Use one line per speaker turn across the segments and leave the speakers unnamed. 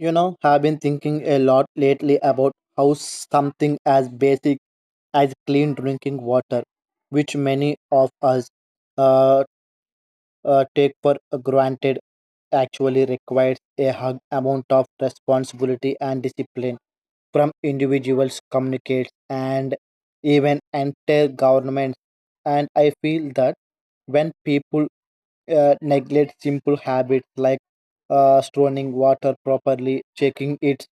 You know, have been thinking a lot lately about how something as basic as clean drinking water, which many of us uh, take for granted actually requires a hug amount of responsibility and discipline from individuals, communicates, and even entire governments. And I feel that when people neglect simple habits like storing water properly, checking its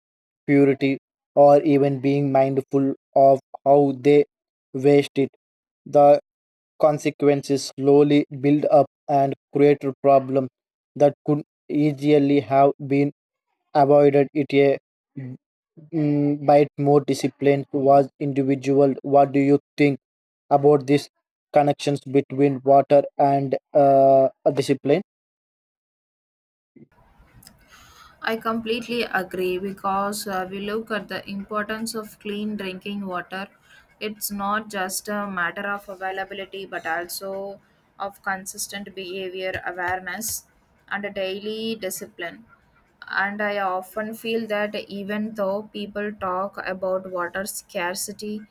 purity, or even being mindful of how they waste it, the consequences slowly build up and create a problem that could easily have been avoided it a by more discipline was individual. What do you think about these connections between water and discipline?
I completely agree because we look at the importance of clean drinking water. It's not just a matter of availability but also of consistent behavior awareness and a daily discipline. And I often feel that even though people talk about water scarcity,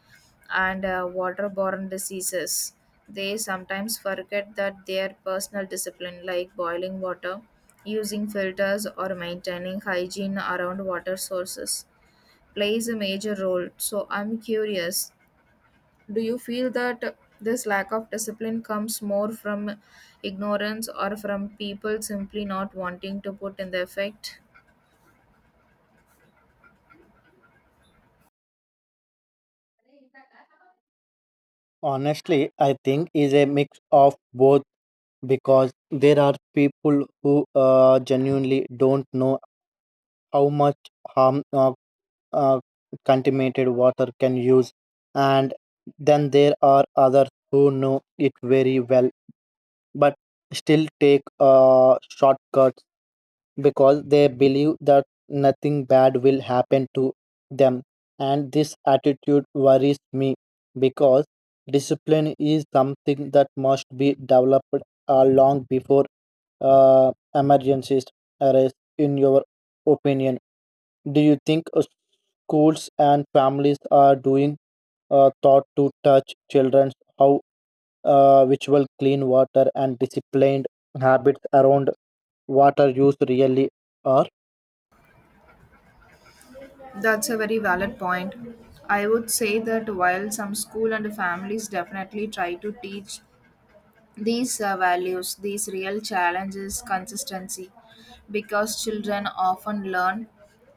and waterborne diseases. They sometimes forget that their personal discipline, like boiling water, using filters, or maintaining hygiene around water sources, plays a major role. So, I'm curious, do you feel that this lack of discipline comes more from ignorance or from people simply not wanting to put in the effect?
Honestly, I think is a mix of both because there are people who genuinely don't know how much harm uh, contaminated water can use, and then there are others who know it very well but still take shortcuts because they believe that nothing bad will happen to them, and this attitude worries me because discipline is something that must be developed long before emergencies arise. In your opinion, do you think schools and families are doing thought to touch children how ritual clean water and disciplined habits around water use really are?
That's a very valid point. I would say that while some school and families definitely try to teach these values, these real challenges, consistency, because children often learn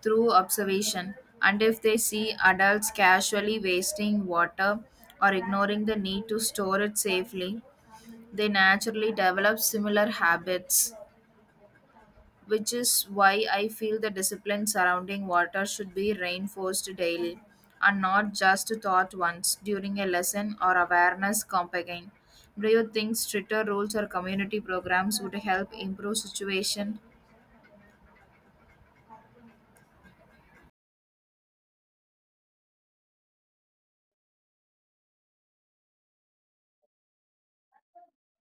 through observation. And if they see adults casually wasting water or ignoring the need to store it safely, they naturally develop similar habits, which is why I feel the discipline surrounding water should be reinforced daily and not just taught once during a lesson or awareness campaign. Do you think stricter rules or community programs would help improve situation?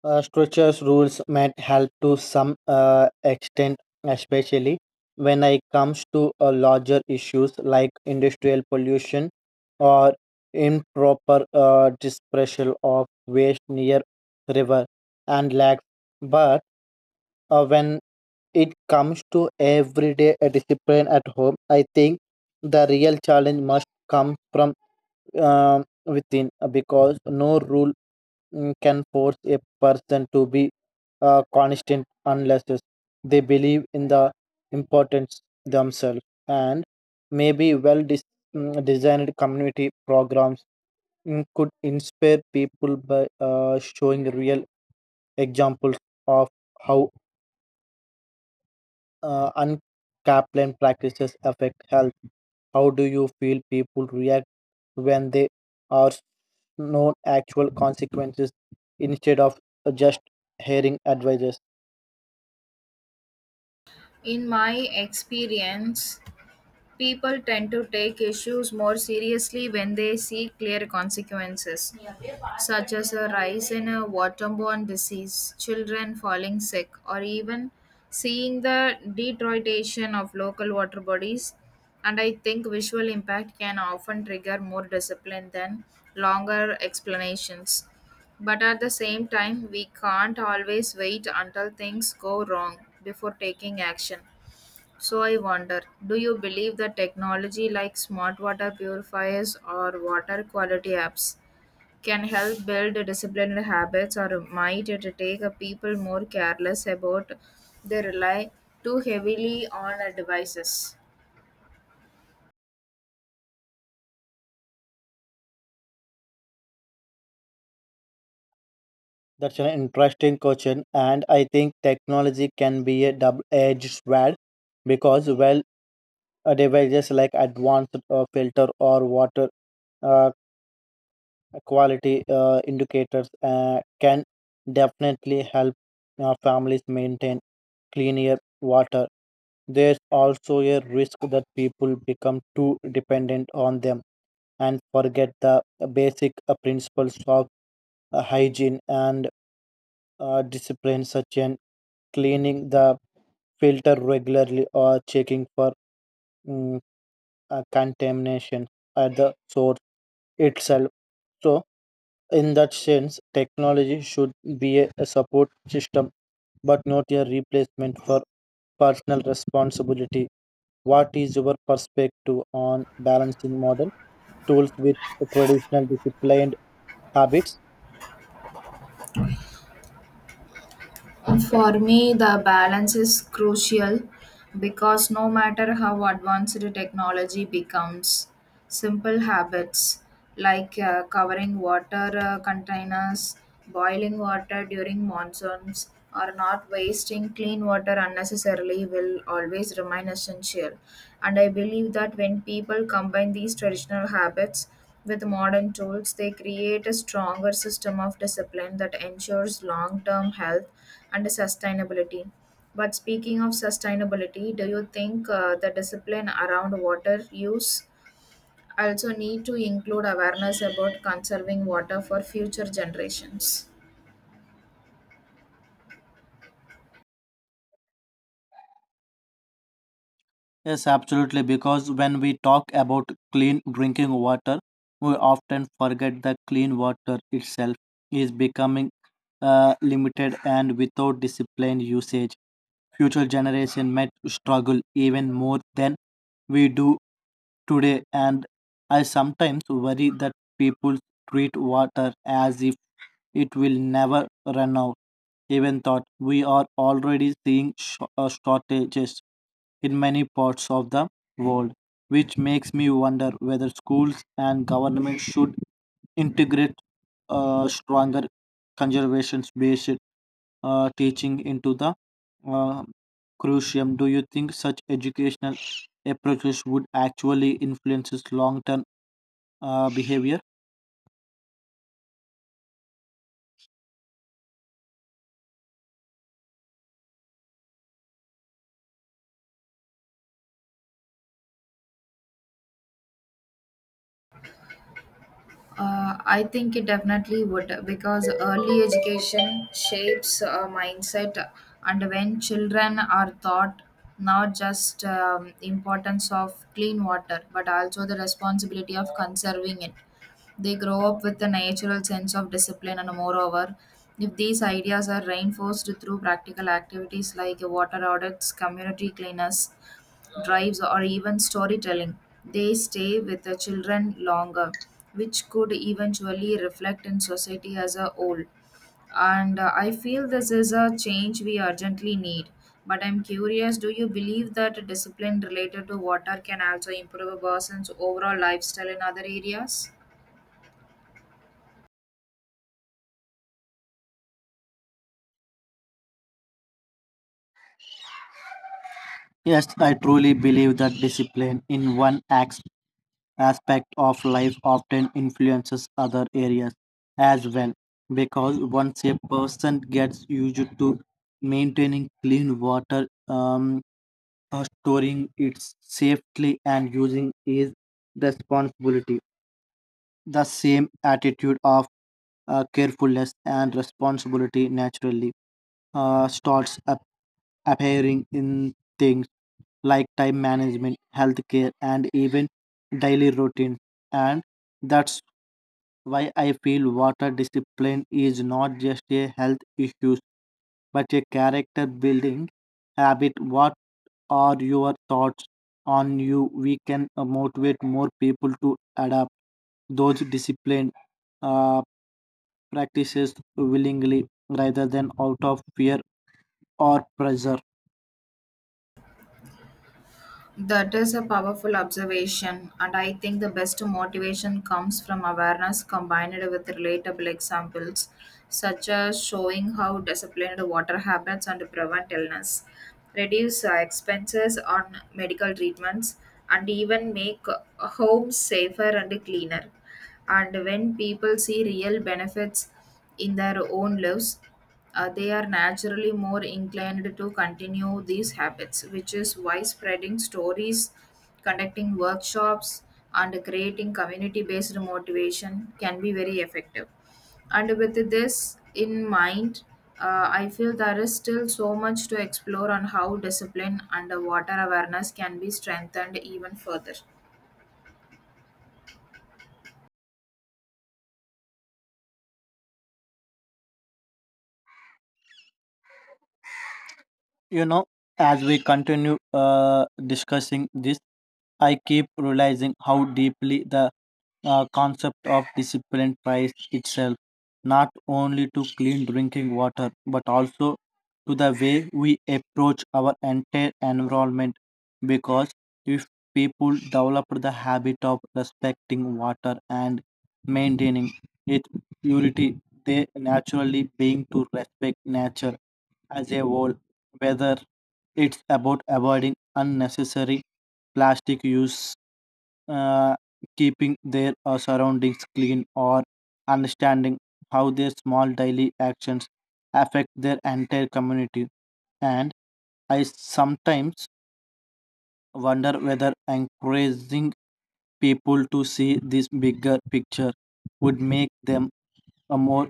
Structures rules might help to some extent, especially when it comes to larger issues like industrial pollution or improper disposal of waste near river and lakes. But when it comes to everyday discipline at home, I think the real challenge must come from within because no rule can force a person to be constant unless they believe in the importance themselves, and maybe designed community programs could inspire people by showing real examples of how unchaplain practices affect health. How do you feel people react when they are known actual consequences instead of just hearing advices?
In my experience, people tend to take issues more seriously when they see clear consequences, such as a rise in a waterborne disease, children falling sick, or even seeing the deterioration of local water bodies. And I think visual impact can often trigger more discipline than longer explanations. But at the same time, we can't always wait until things go wrong before taking action. So I wonder, do you believe that technology like smart water purifiers or water quality apps can help build disciplined habits, or might it take a people more careless about they rely too heavily on devices?
That's an interesting question, and I think technology can be a double-edged sword because devices like advanced filter or water uh, quality indicators can definitely help families maintain cleaner water. There's also a risk that people become too dependent on them and forget the basic principles of hygiene and discipline, such as cleaning the filter regularly or checking for mm, contamination at the source itself. So, in that sense, technology should be a support system but not a replacement for personal responsibility. What is your perspective on balancing modern tools with traditional disciplined habits?
For me the balance is crucial because no matter how advanced technology becomes, simple habits like covering water containers, boiling water during monsoons, or not wasting clean water unnecessarily will always remain essential. And I believe that when people combine these traditional habits with modern tools, they create a stronger system of discipline that ensures long term health and sustainability. But speaking of sustainability, do you think the discipline around water use I also need to include awareness about conserving water for future generations.
Yes, absolutely. Because when we talk about clean drinking water, we often forget that clean water itself is becoming limited, and without disciplined usage future generation might struggle even more than we do today. And I sometimes worry that people treat water as if it will never run out, even thought we are already seeing shortages in many parts of the world, which makes me wonder whether schools and government should integrate stronger conservation based teaching into the uh, crucium. Do you think such educational approaches would actually influence its long-term behavior?
I think it definitely would because early education shapes a mindset, and when children are taught not just importance of clean water but also the responsibility of conserving it, they grow up with a natural sense of discipline, and moreover, if these ideas are reinforced through practical activities like water audits, community cleanups, drives, or even storytelling, they stay with the children longer, which could eventually reflect in society as a whole. And I feel this is a change we urgently need, but I'm curious, do you believe that discipline related to water can also improve a person's overall lifestyle in other areas?
Yes, I truly believe that discipline in one acts aspect of life often influences other areas as well, because once a person gets used to maintaining clean water storing it safely and using is responsibility, the same attitude of carefulness and responsibility naturally starts appearing in things like time management, healthcare, and even daily routine. And that's why I feel water discipline is not just a health issue but a character building habit. What are your thoughts on you? We can motivate more people to adapt those disciplines uh, practices willingly rather than out of fear or pressure.
That is a powerful observation, and I think the best motivation comes from awareness combined with relatable examples, such as showing how disciplined water habits and prevent illness, reduce expenses on medical treatments, and even make homes safer and cleaner. And when people see real benefits in their own lives, they are naturally more inclined to continue these habits, which is why spreading stories, conducting workshops, and creating community based motivation can be very effective. And with this in mind, I feel there is still so much to explore on how discipline and water awareness can be strengthened even further.
You know, as we continue discussing this, I keep realizing how deeply the concept of discipline tries itself not only to clean drinking water but also to the way we approach our entire environment, because if people develop the habit of respecting water and maintaining its purity, they naturally begin to respect nature as a whole, whether it's about avoiding unnecessary plastic use, uh, keeping their surroundings clean, or understanding how their small daily actions affect their entire community. And I sometimes wonder whether encouraging people to see this bigger picture would make them a more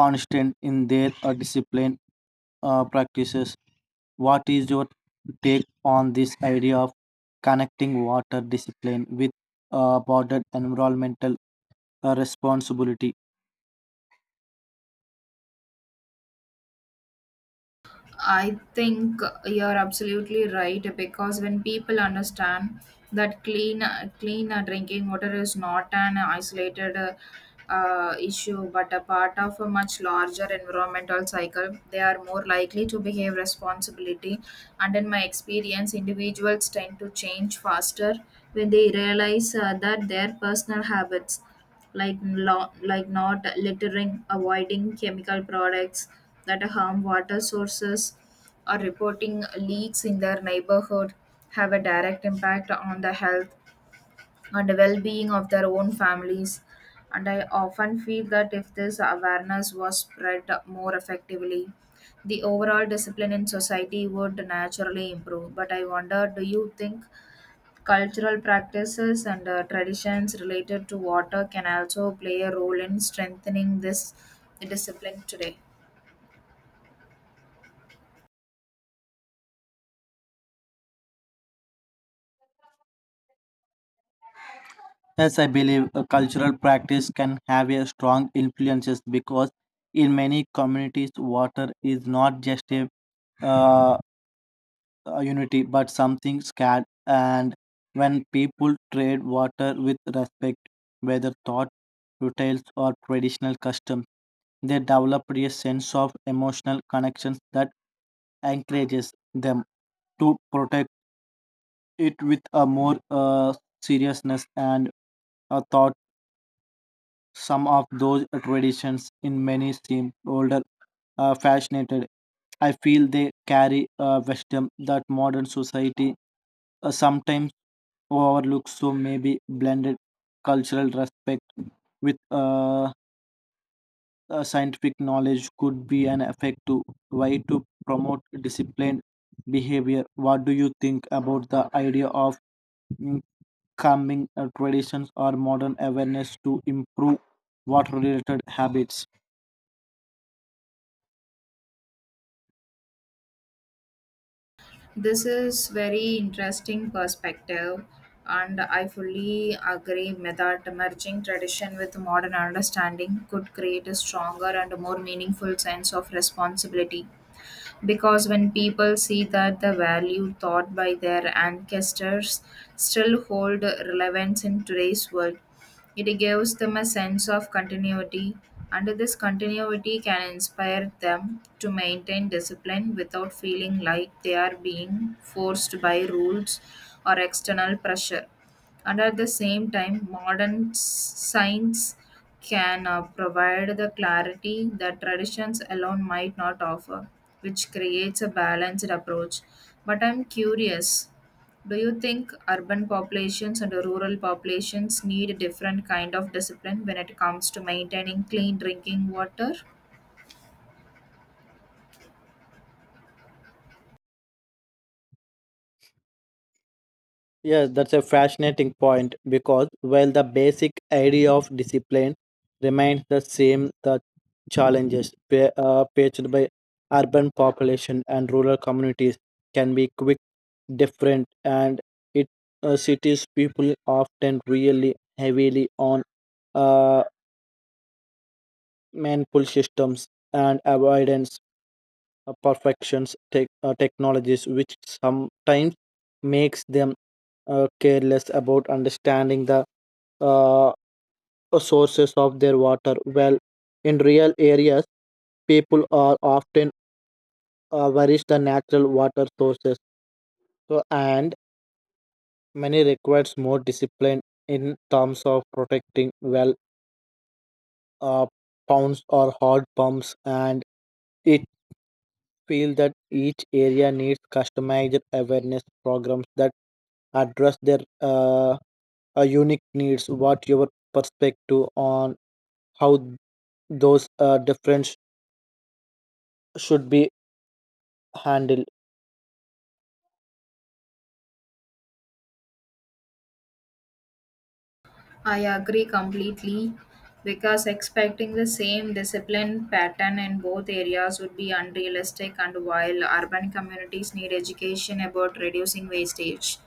constant in their discipline practices. What is your take on this idea of connecting water discipline with broader environmental a responsibility?
I think you're absolutely right because when people understand that clean drinking water is not an isolated issue but a part of a much larger environmental cycle, they are more likely to behave responsibility. And in my experience, individuals tend to change faster when they realize that their personal habits like not littering, avoiding chemical products that harm water sources, or reporting leaks in their neighborhood have a direct impact on the health and well-being of their own families. And I often feel that if this awareness was spread more effectively, the overall discipline in society would naturally improve. But I wonder, do you think cultural practices and traditions related to water can also play a role in strengthening this discipline today?
As I believe a cultural practice can have a strong influences because in many communities water is not just uh, a unity but something scared, and when people trade water with respect, whether thought rituals or traditional customs, they develop a sense of emotional connections that encourages them to protect it with a more seriousness and a thought. Some of those traditions in many seem older, fascinated. I feel they carry a wisdom that modern society sometimes overlooks. So maybe blended cultural respect with scientific knowledge could be an effective way to promote disciplined behavior. What do you think about the idea of calming traditions or modern awareness to improve water related habits?
This is very interesting perspective, and I fully agree with that merging tradition with modern understanding could create a stronger and more meaningful sense of responsibility, because when people see that the value taught by their ancestors still hold relevance in today's world, it gives them a sense of continuity, and this continuity can inspire them to maintain discipline without feeling like they are being forced by rules or external pressure. And at the same time, science can provide the clarity that traditions alone might not offer, which creates a balanced approach. But I'm curious, do you think urban populations and rural populations need a different kind of discipline when it comes to maintaining clean drinking water?
Yes, that's a fascinating point because while the basic idea of discipline remains the same, the challenges faced by urban population and rural communities can be quick, different, and it cities people often really heavily on uh, manful systems and avoidance perfections technologies, which sometimes makes them careless about understanding the uh, sources of their water. Well, in real areas people are often average the natural water sources, so and many requires more discipline in terms of protecting well uh, pounds or hard pumps, and it feel that each area needs customized awareness programs that address their unique needs. What your perspective on how those difference should be handled?
I agree completely because expecting the same discipline pattern in both areas would be unrealistic, and while urban communities need education about reducing wastage,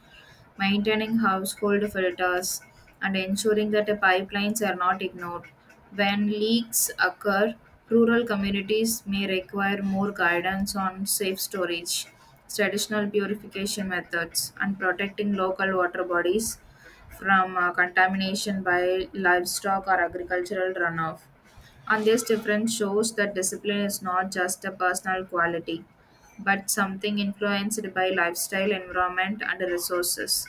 maintaining household filters and ensuring that the pipelines are not ignored when leaks occur, rural communities may require more guidance on safe storage, traditional purification methods and protecting local water bodies from contamination by livestock or agricultural runoff. And this difference shows that discipline is not just a personal quality, but something influenced by lifestyle, environment, and resources.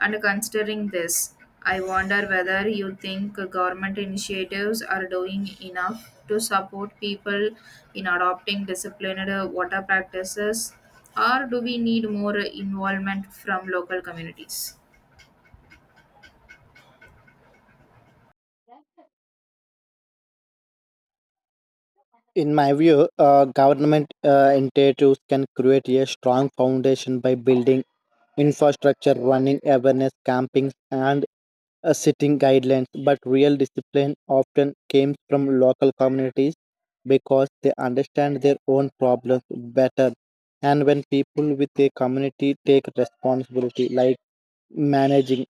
And considering this, I wonder whether you think government initiatives are doing enough to support people in adopting disciplined water practices, or do we need more involvement from local communities?
In my view, government initiatives can create a strong foundation by building infrastructure, running awareness campings, and setting guidelines, but real discipline often came from local communities because they understand their own problems better. And when people with a community take responsibility, like managing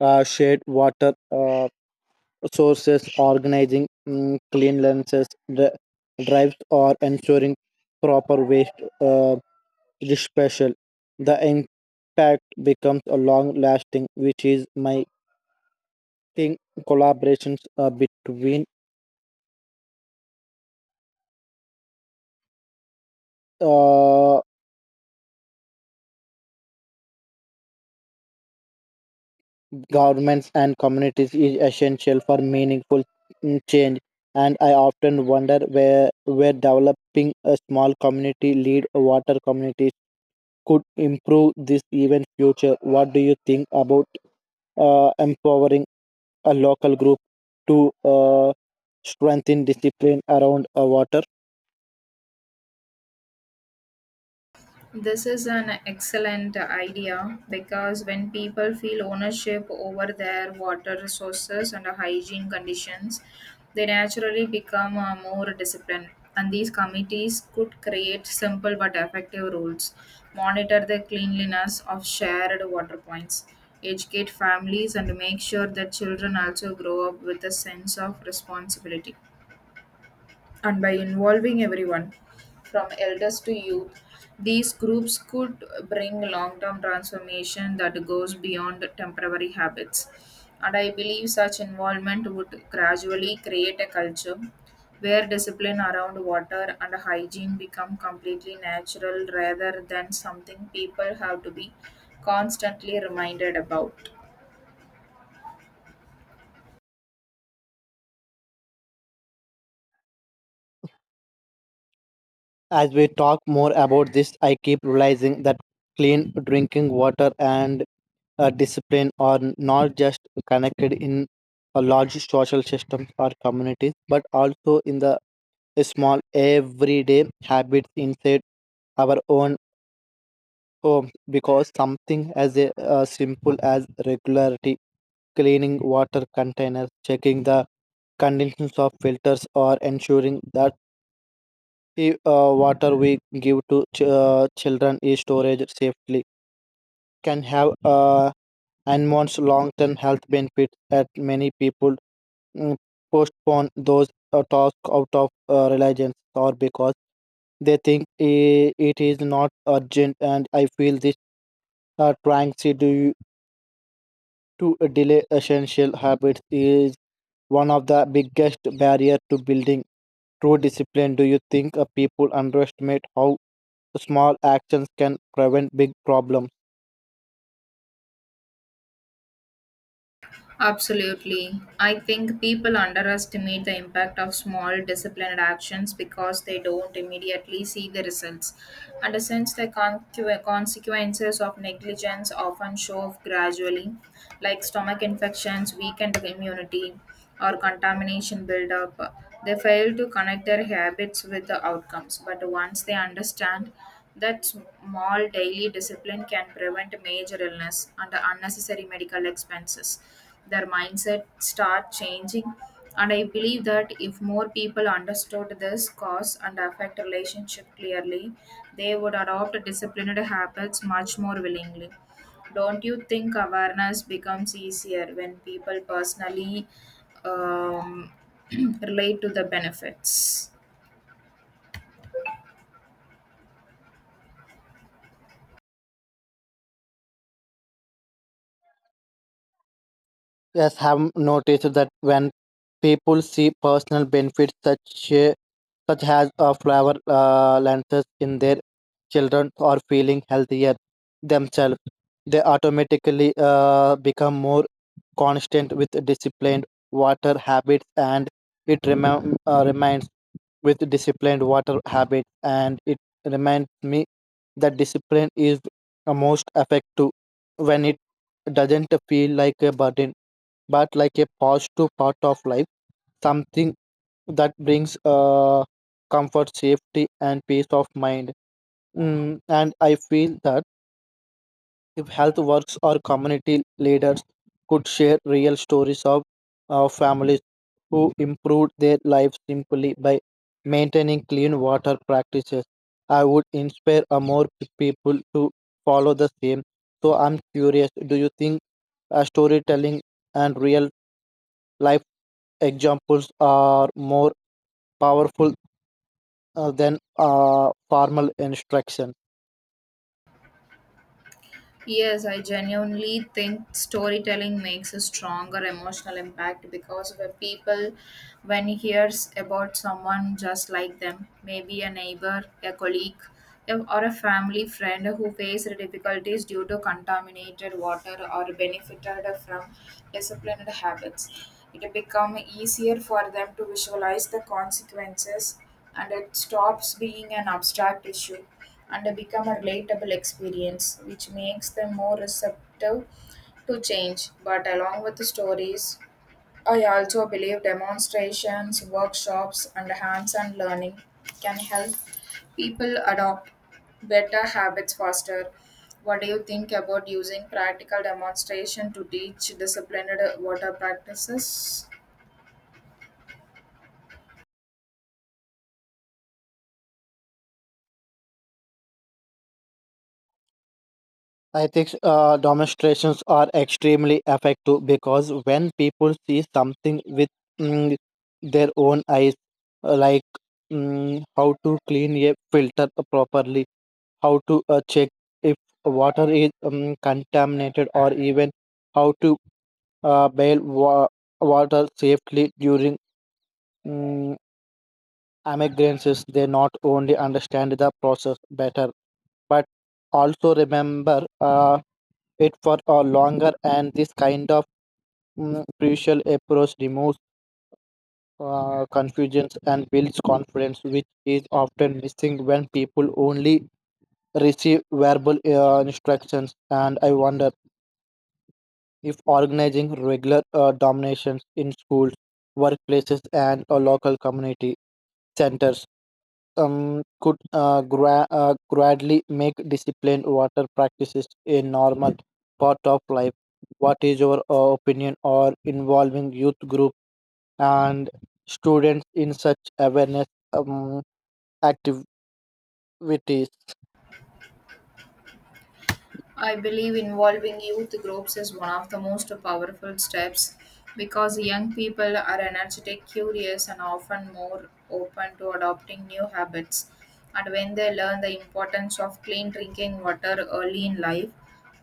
shared water sources, organizing cleanliness dri- drives, or ensuring proper waste it is special. The impact becomes a long lasting, which is my thing. Collaborations between uh, governments and communities is essential for meaningful change. And I often wonder where developing a small community lead water communities could improve this even future. What do you think about empowering a local group to strengthen discipline around water?
This is an excellent idea because when people feel ownership over their water resources and hygiene conditions, they naturally become more disciplined. And these committees could create simple but effective rules, monitor the cleanliness of shared water points, educate families, and make sure that children also grow up with a sense of responsibility, and by involving everyone from elders to youth, these groups could bring long term transformation that goes beyond temporary habits. And I believe such involvement would gradually create a culture where discipline around water and hygiene become completely natural rather than something people have to be constantly reminded about.
As we talk more about this, I keep realizing that clean drinking water and discipline are not just connected in a large social systems or communities, but also in the small everyday habits inside our own home. Because something as simple as regularity, cleaning water containers, checking the conditions of filters, or ensuring that if water we give to children is storage safely can have enormous long-term health benefits, that many people mm, postpone those tasks out of reliance or because they think it is not urgent. And I feel this trying to do to delay essential habits is one of the biggest barrier to building true discipline. Do you think people underestimate how small actions can prevent big problems?
Absolutely. I think people underestimate the impact of small disciplined actions because they don't immediately see the results. And since the consequences of negligence often show up gradually, like stomach infections, weakened immunity, or contamination buildup, they fail to connect their habits with the outcomes. But once they understand that small daily discipline can prevent major illness and unnecessary medical expenses, their mindset start changing. And I believe that if more people understood this cause and affect relationship clearly, they would adopt disciplined habits much more willingly. Don't you think awareness becomes easier when people personally um, relate to the benefits?
Yes, have noticed that when people see personal benefits such as a flower lenses in their children or feeling healthier themselves, they automatically become more constant with disciplined water habits. And it rem- reminds with disciplined water habit and it reminds me that discipline is a most effective when it doesn't feel like a burden but like a positive part of life, something that brings comfort, safety, and peace of mind. And I feel that if health works or community leaders could share real stories of families who improved their lives simply by maintaining clean water practices, I would inspire people to follow the same. So I'm curious, do you think storytelling and real life examples are more powerful than formal instruction?
Yes, I genuinely think storytelling makes a stronger emotional impact because when he hears about someone just like them, maybe a neighbor, a colleague, or a family friend who faced difficulties due to contaminated water or benefited from disciplined habits, it become easier for them to visualize the consequences, and it stops being an abstract issue and become a relatable experience which makes them more receptive to change. But along with the stories, I also believe demonstrations workshops and hands-on learning can help people adopt better habits faster. What do you think about using practical demonstration to teach disciplined water practices?
I think demonstrations are extremely effective because when people see something with mm, their own eyes, like how to clean a filter properly, how to check if water is contaminated, or even how to uh, bail wa- water safely during mm, emergencies, they not only understand the process better but also remember it for a longer. And this kind of crucial approach removes confusions and builds confidence, which is often missing when people only receive verbal instructions. And I wonder if organizing regular dominations in schools, workplaces, and local community centers could gradually make disciplined water practices a normal part of life. What is your opinion or involving youth group and students in such awareness um, activities?
I believe involving youth groups is one of the most powerful steps because young people are energetic, curious, and often more open to adopting new habits. And when they learn the importance of clean drinking water early in life,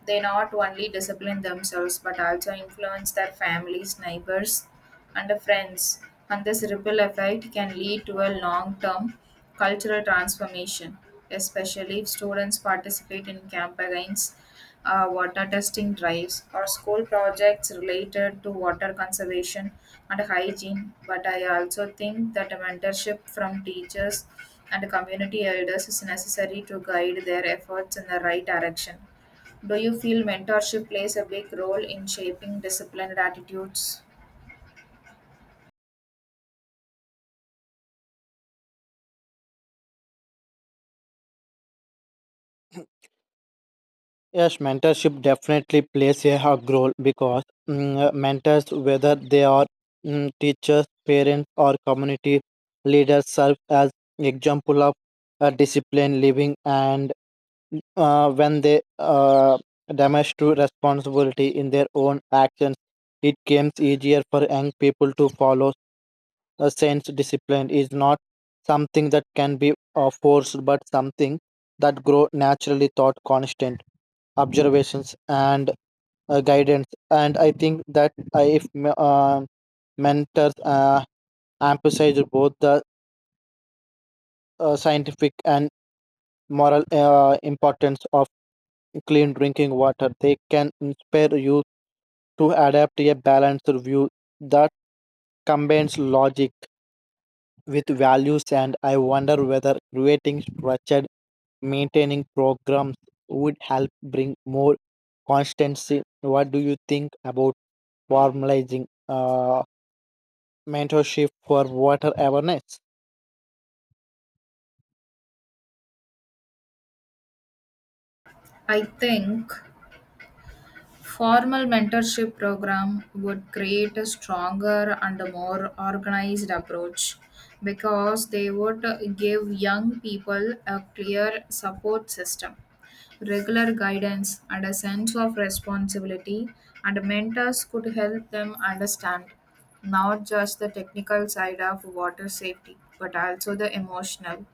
they not only discipline themselves but also influence their families, neighbors, and friends, and this ripple effect can lead to a long term cultural transformation, especially if students participate in campaigns, water testing drives, or school projects related to water conservation and hygiene. But I also think that a mentorship from teachers and community elders is necessary to guide their efforts in the right direction. Do you feel mentorship plays a big role in shaping disciplined attitudes?
Yes, mentorship definitely plays a hug role because mentors, whether they are teachers, parents, or community leaders, serve as example of disciplined living. And when they damage responsibility in their own actions, it becomes easier for young people to follow. A sense discipline is not something that can be forced, but something that grow naturally thought constant observations and guidance. And I think that I, if me- mentors emphasize both the scientific and moral importance of clean drinking water, they can inspire youth to adapt a balanced view that combines logic with values. And I wonder whether creating structured maintaining programs would help bring more constancy. What do you think about formalizing mentorship for water awareness?
I think formal mentorship program would create a stronger and a more organized approach because they would give young people a clear support system, regular guidance and a sense of responsibility, and mentors could help them understand not just the technical side of water safety but also the emotional,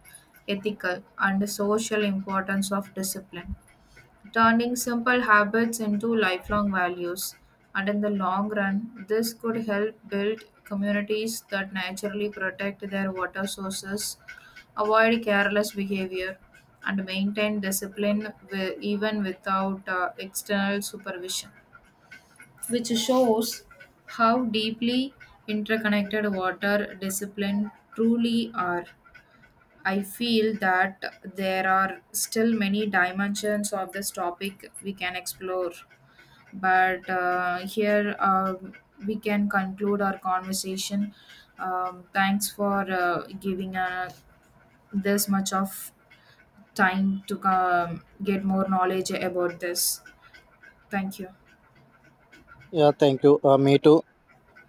ethical and social importance of discipline, turning simple habits into lifelong values. And in the long run, this could help build communities that naturally protect their water sources, avoid careless behavior, and maintain discipline even without external supervision, which shows how deeply interconnected water discipline truly are. I feel that there are still many dimensions of this topic we can explore. But here we can conclude our conversation. Thanks for giving this much of time to get more knowledge about this. Thank you.
Yeah, thank you. Me too.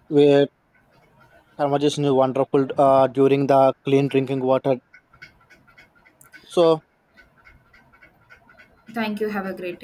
We conversation is wonderful during the clean drinking water. So
Thank you. Have a great day.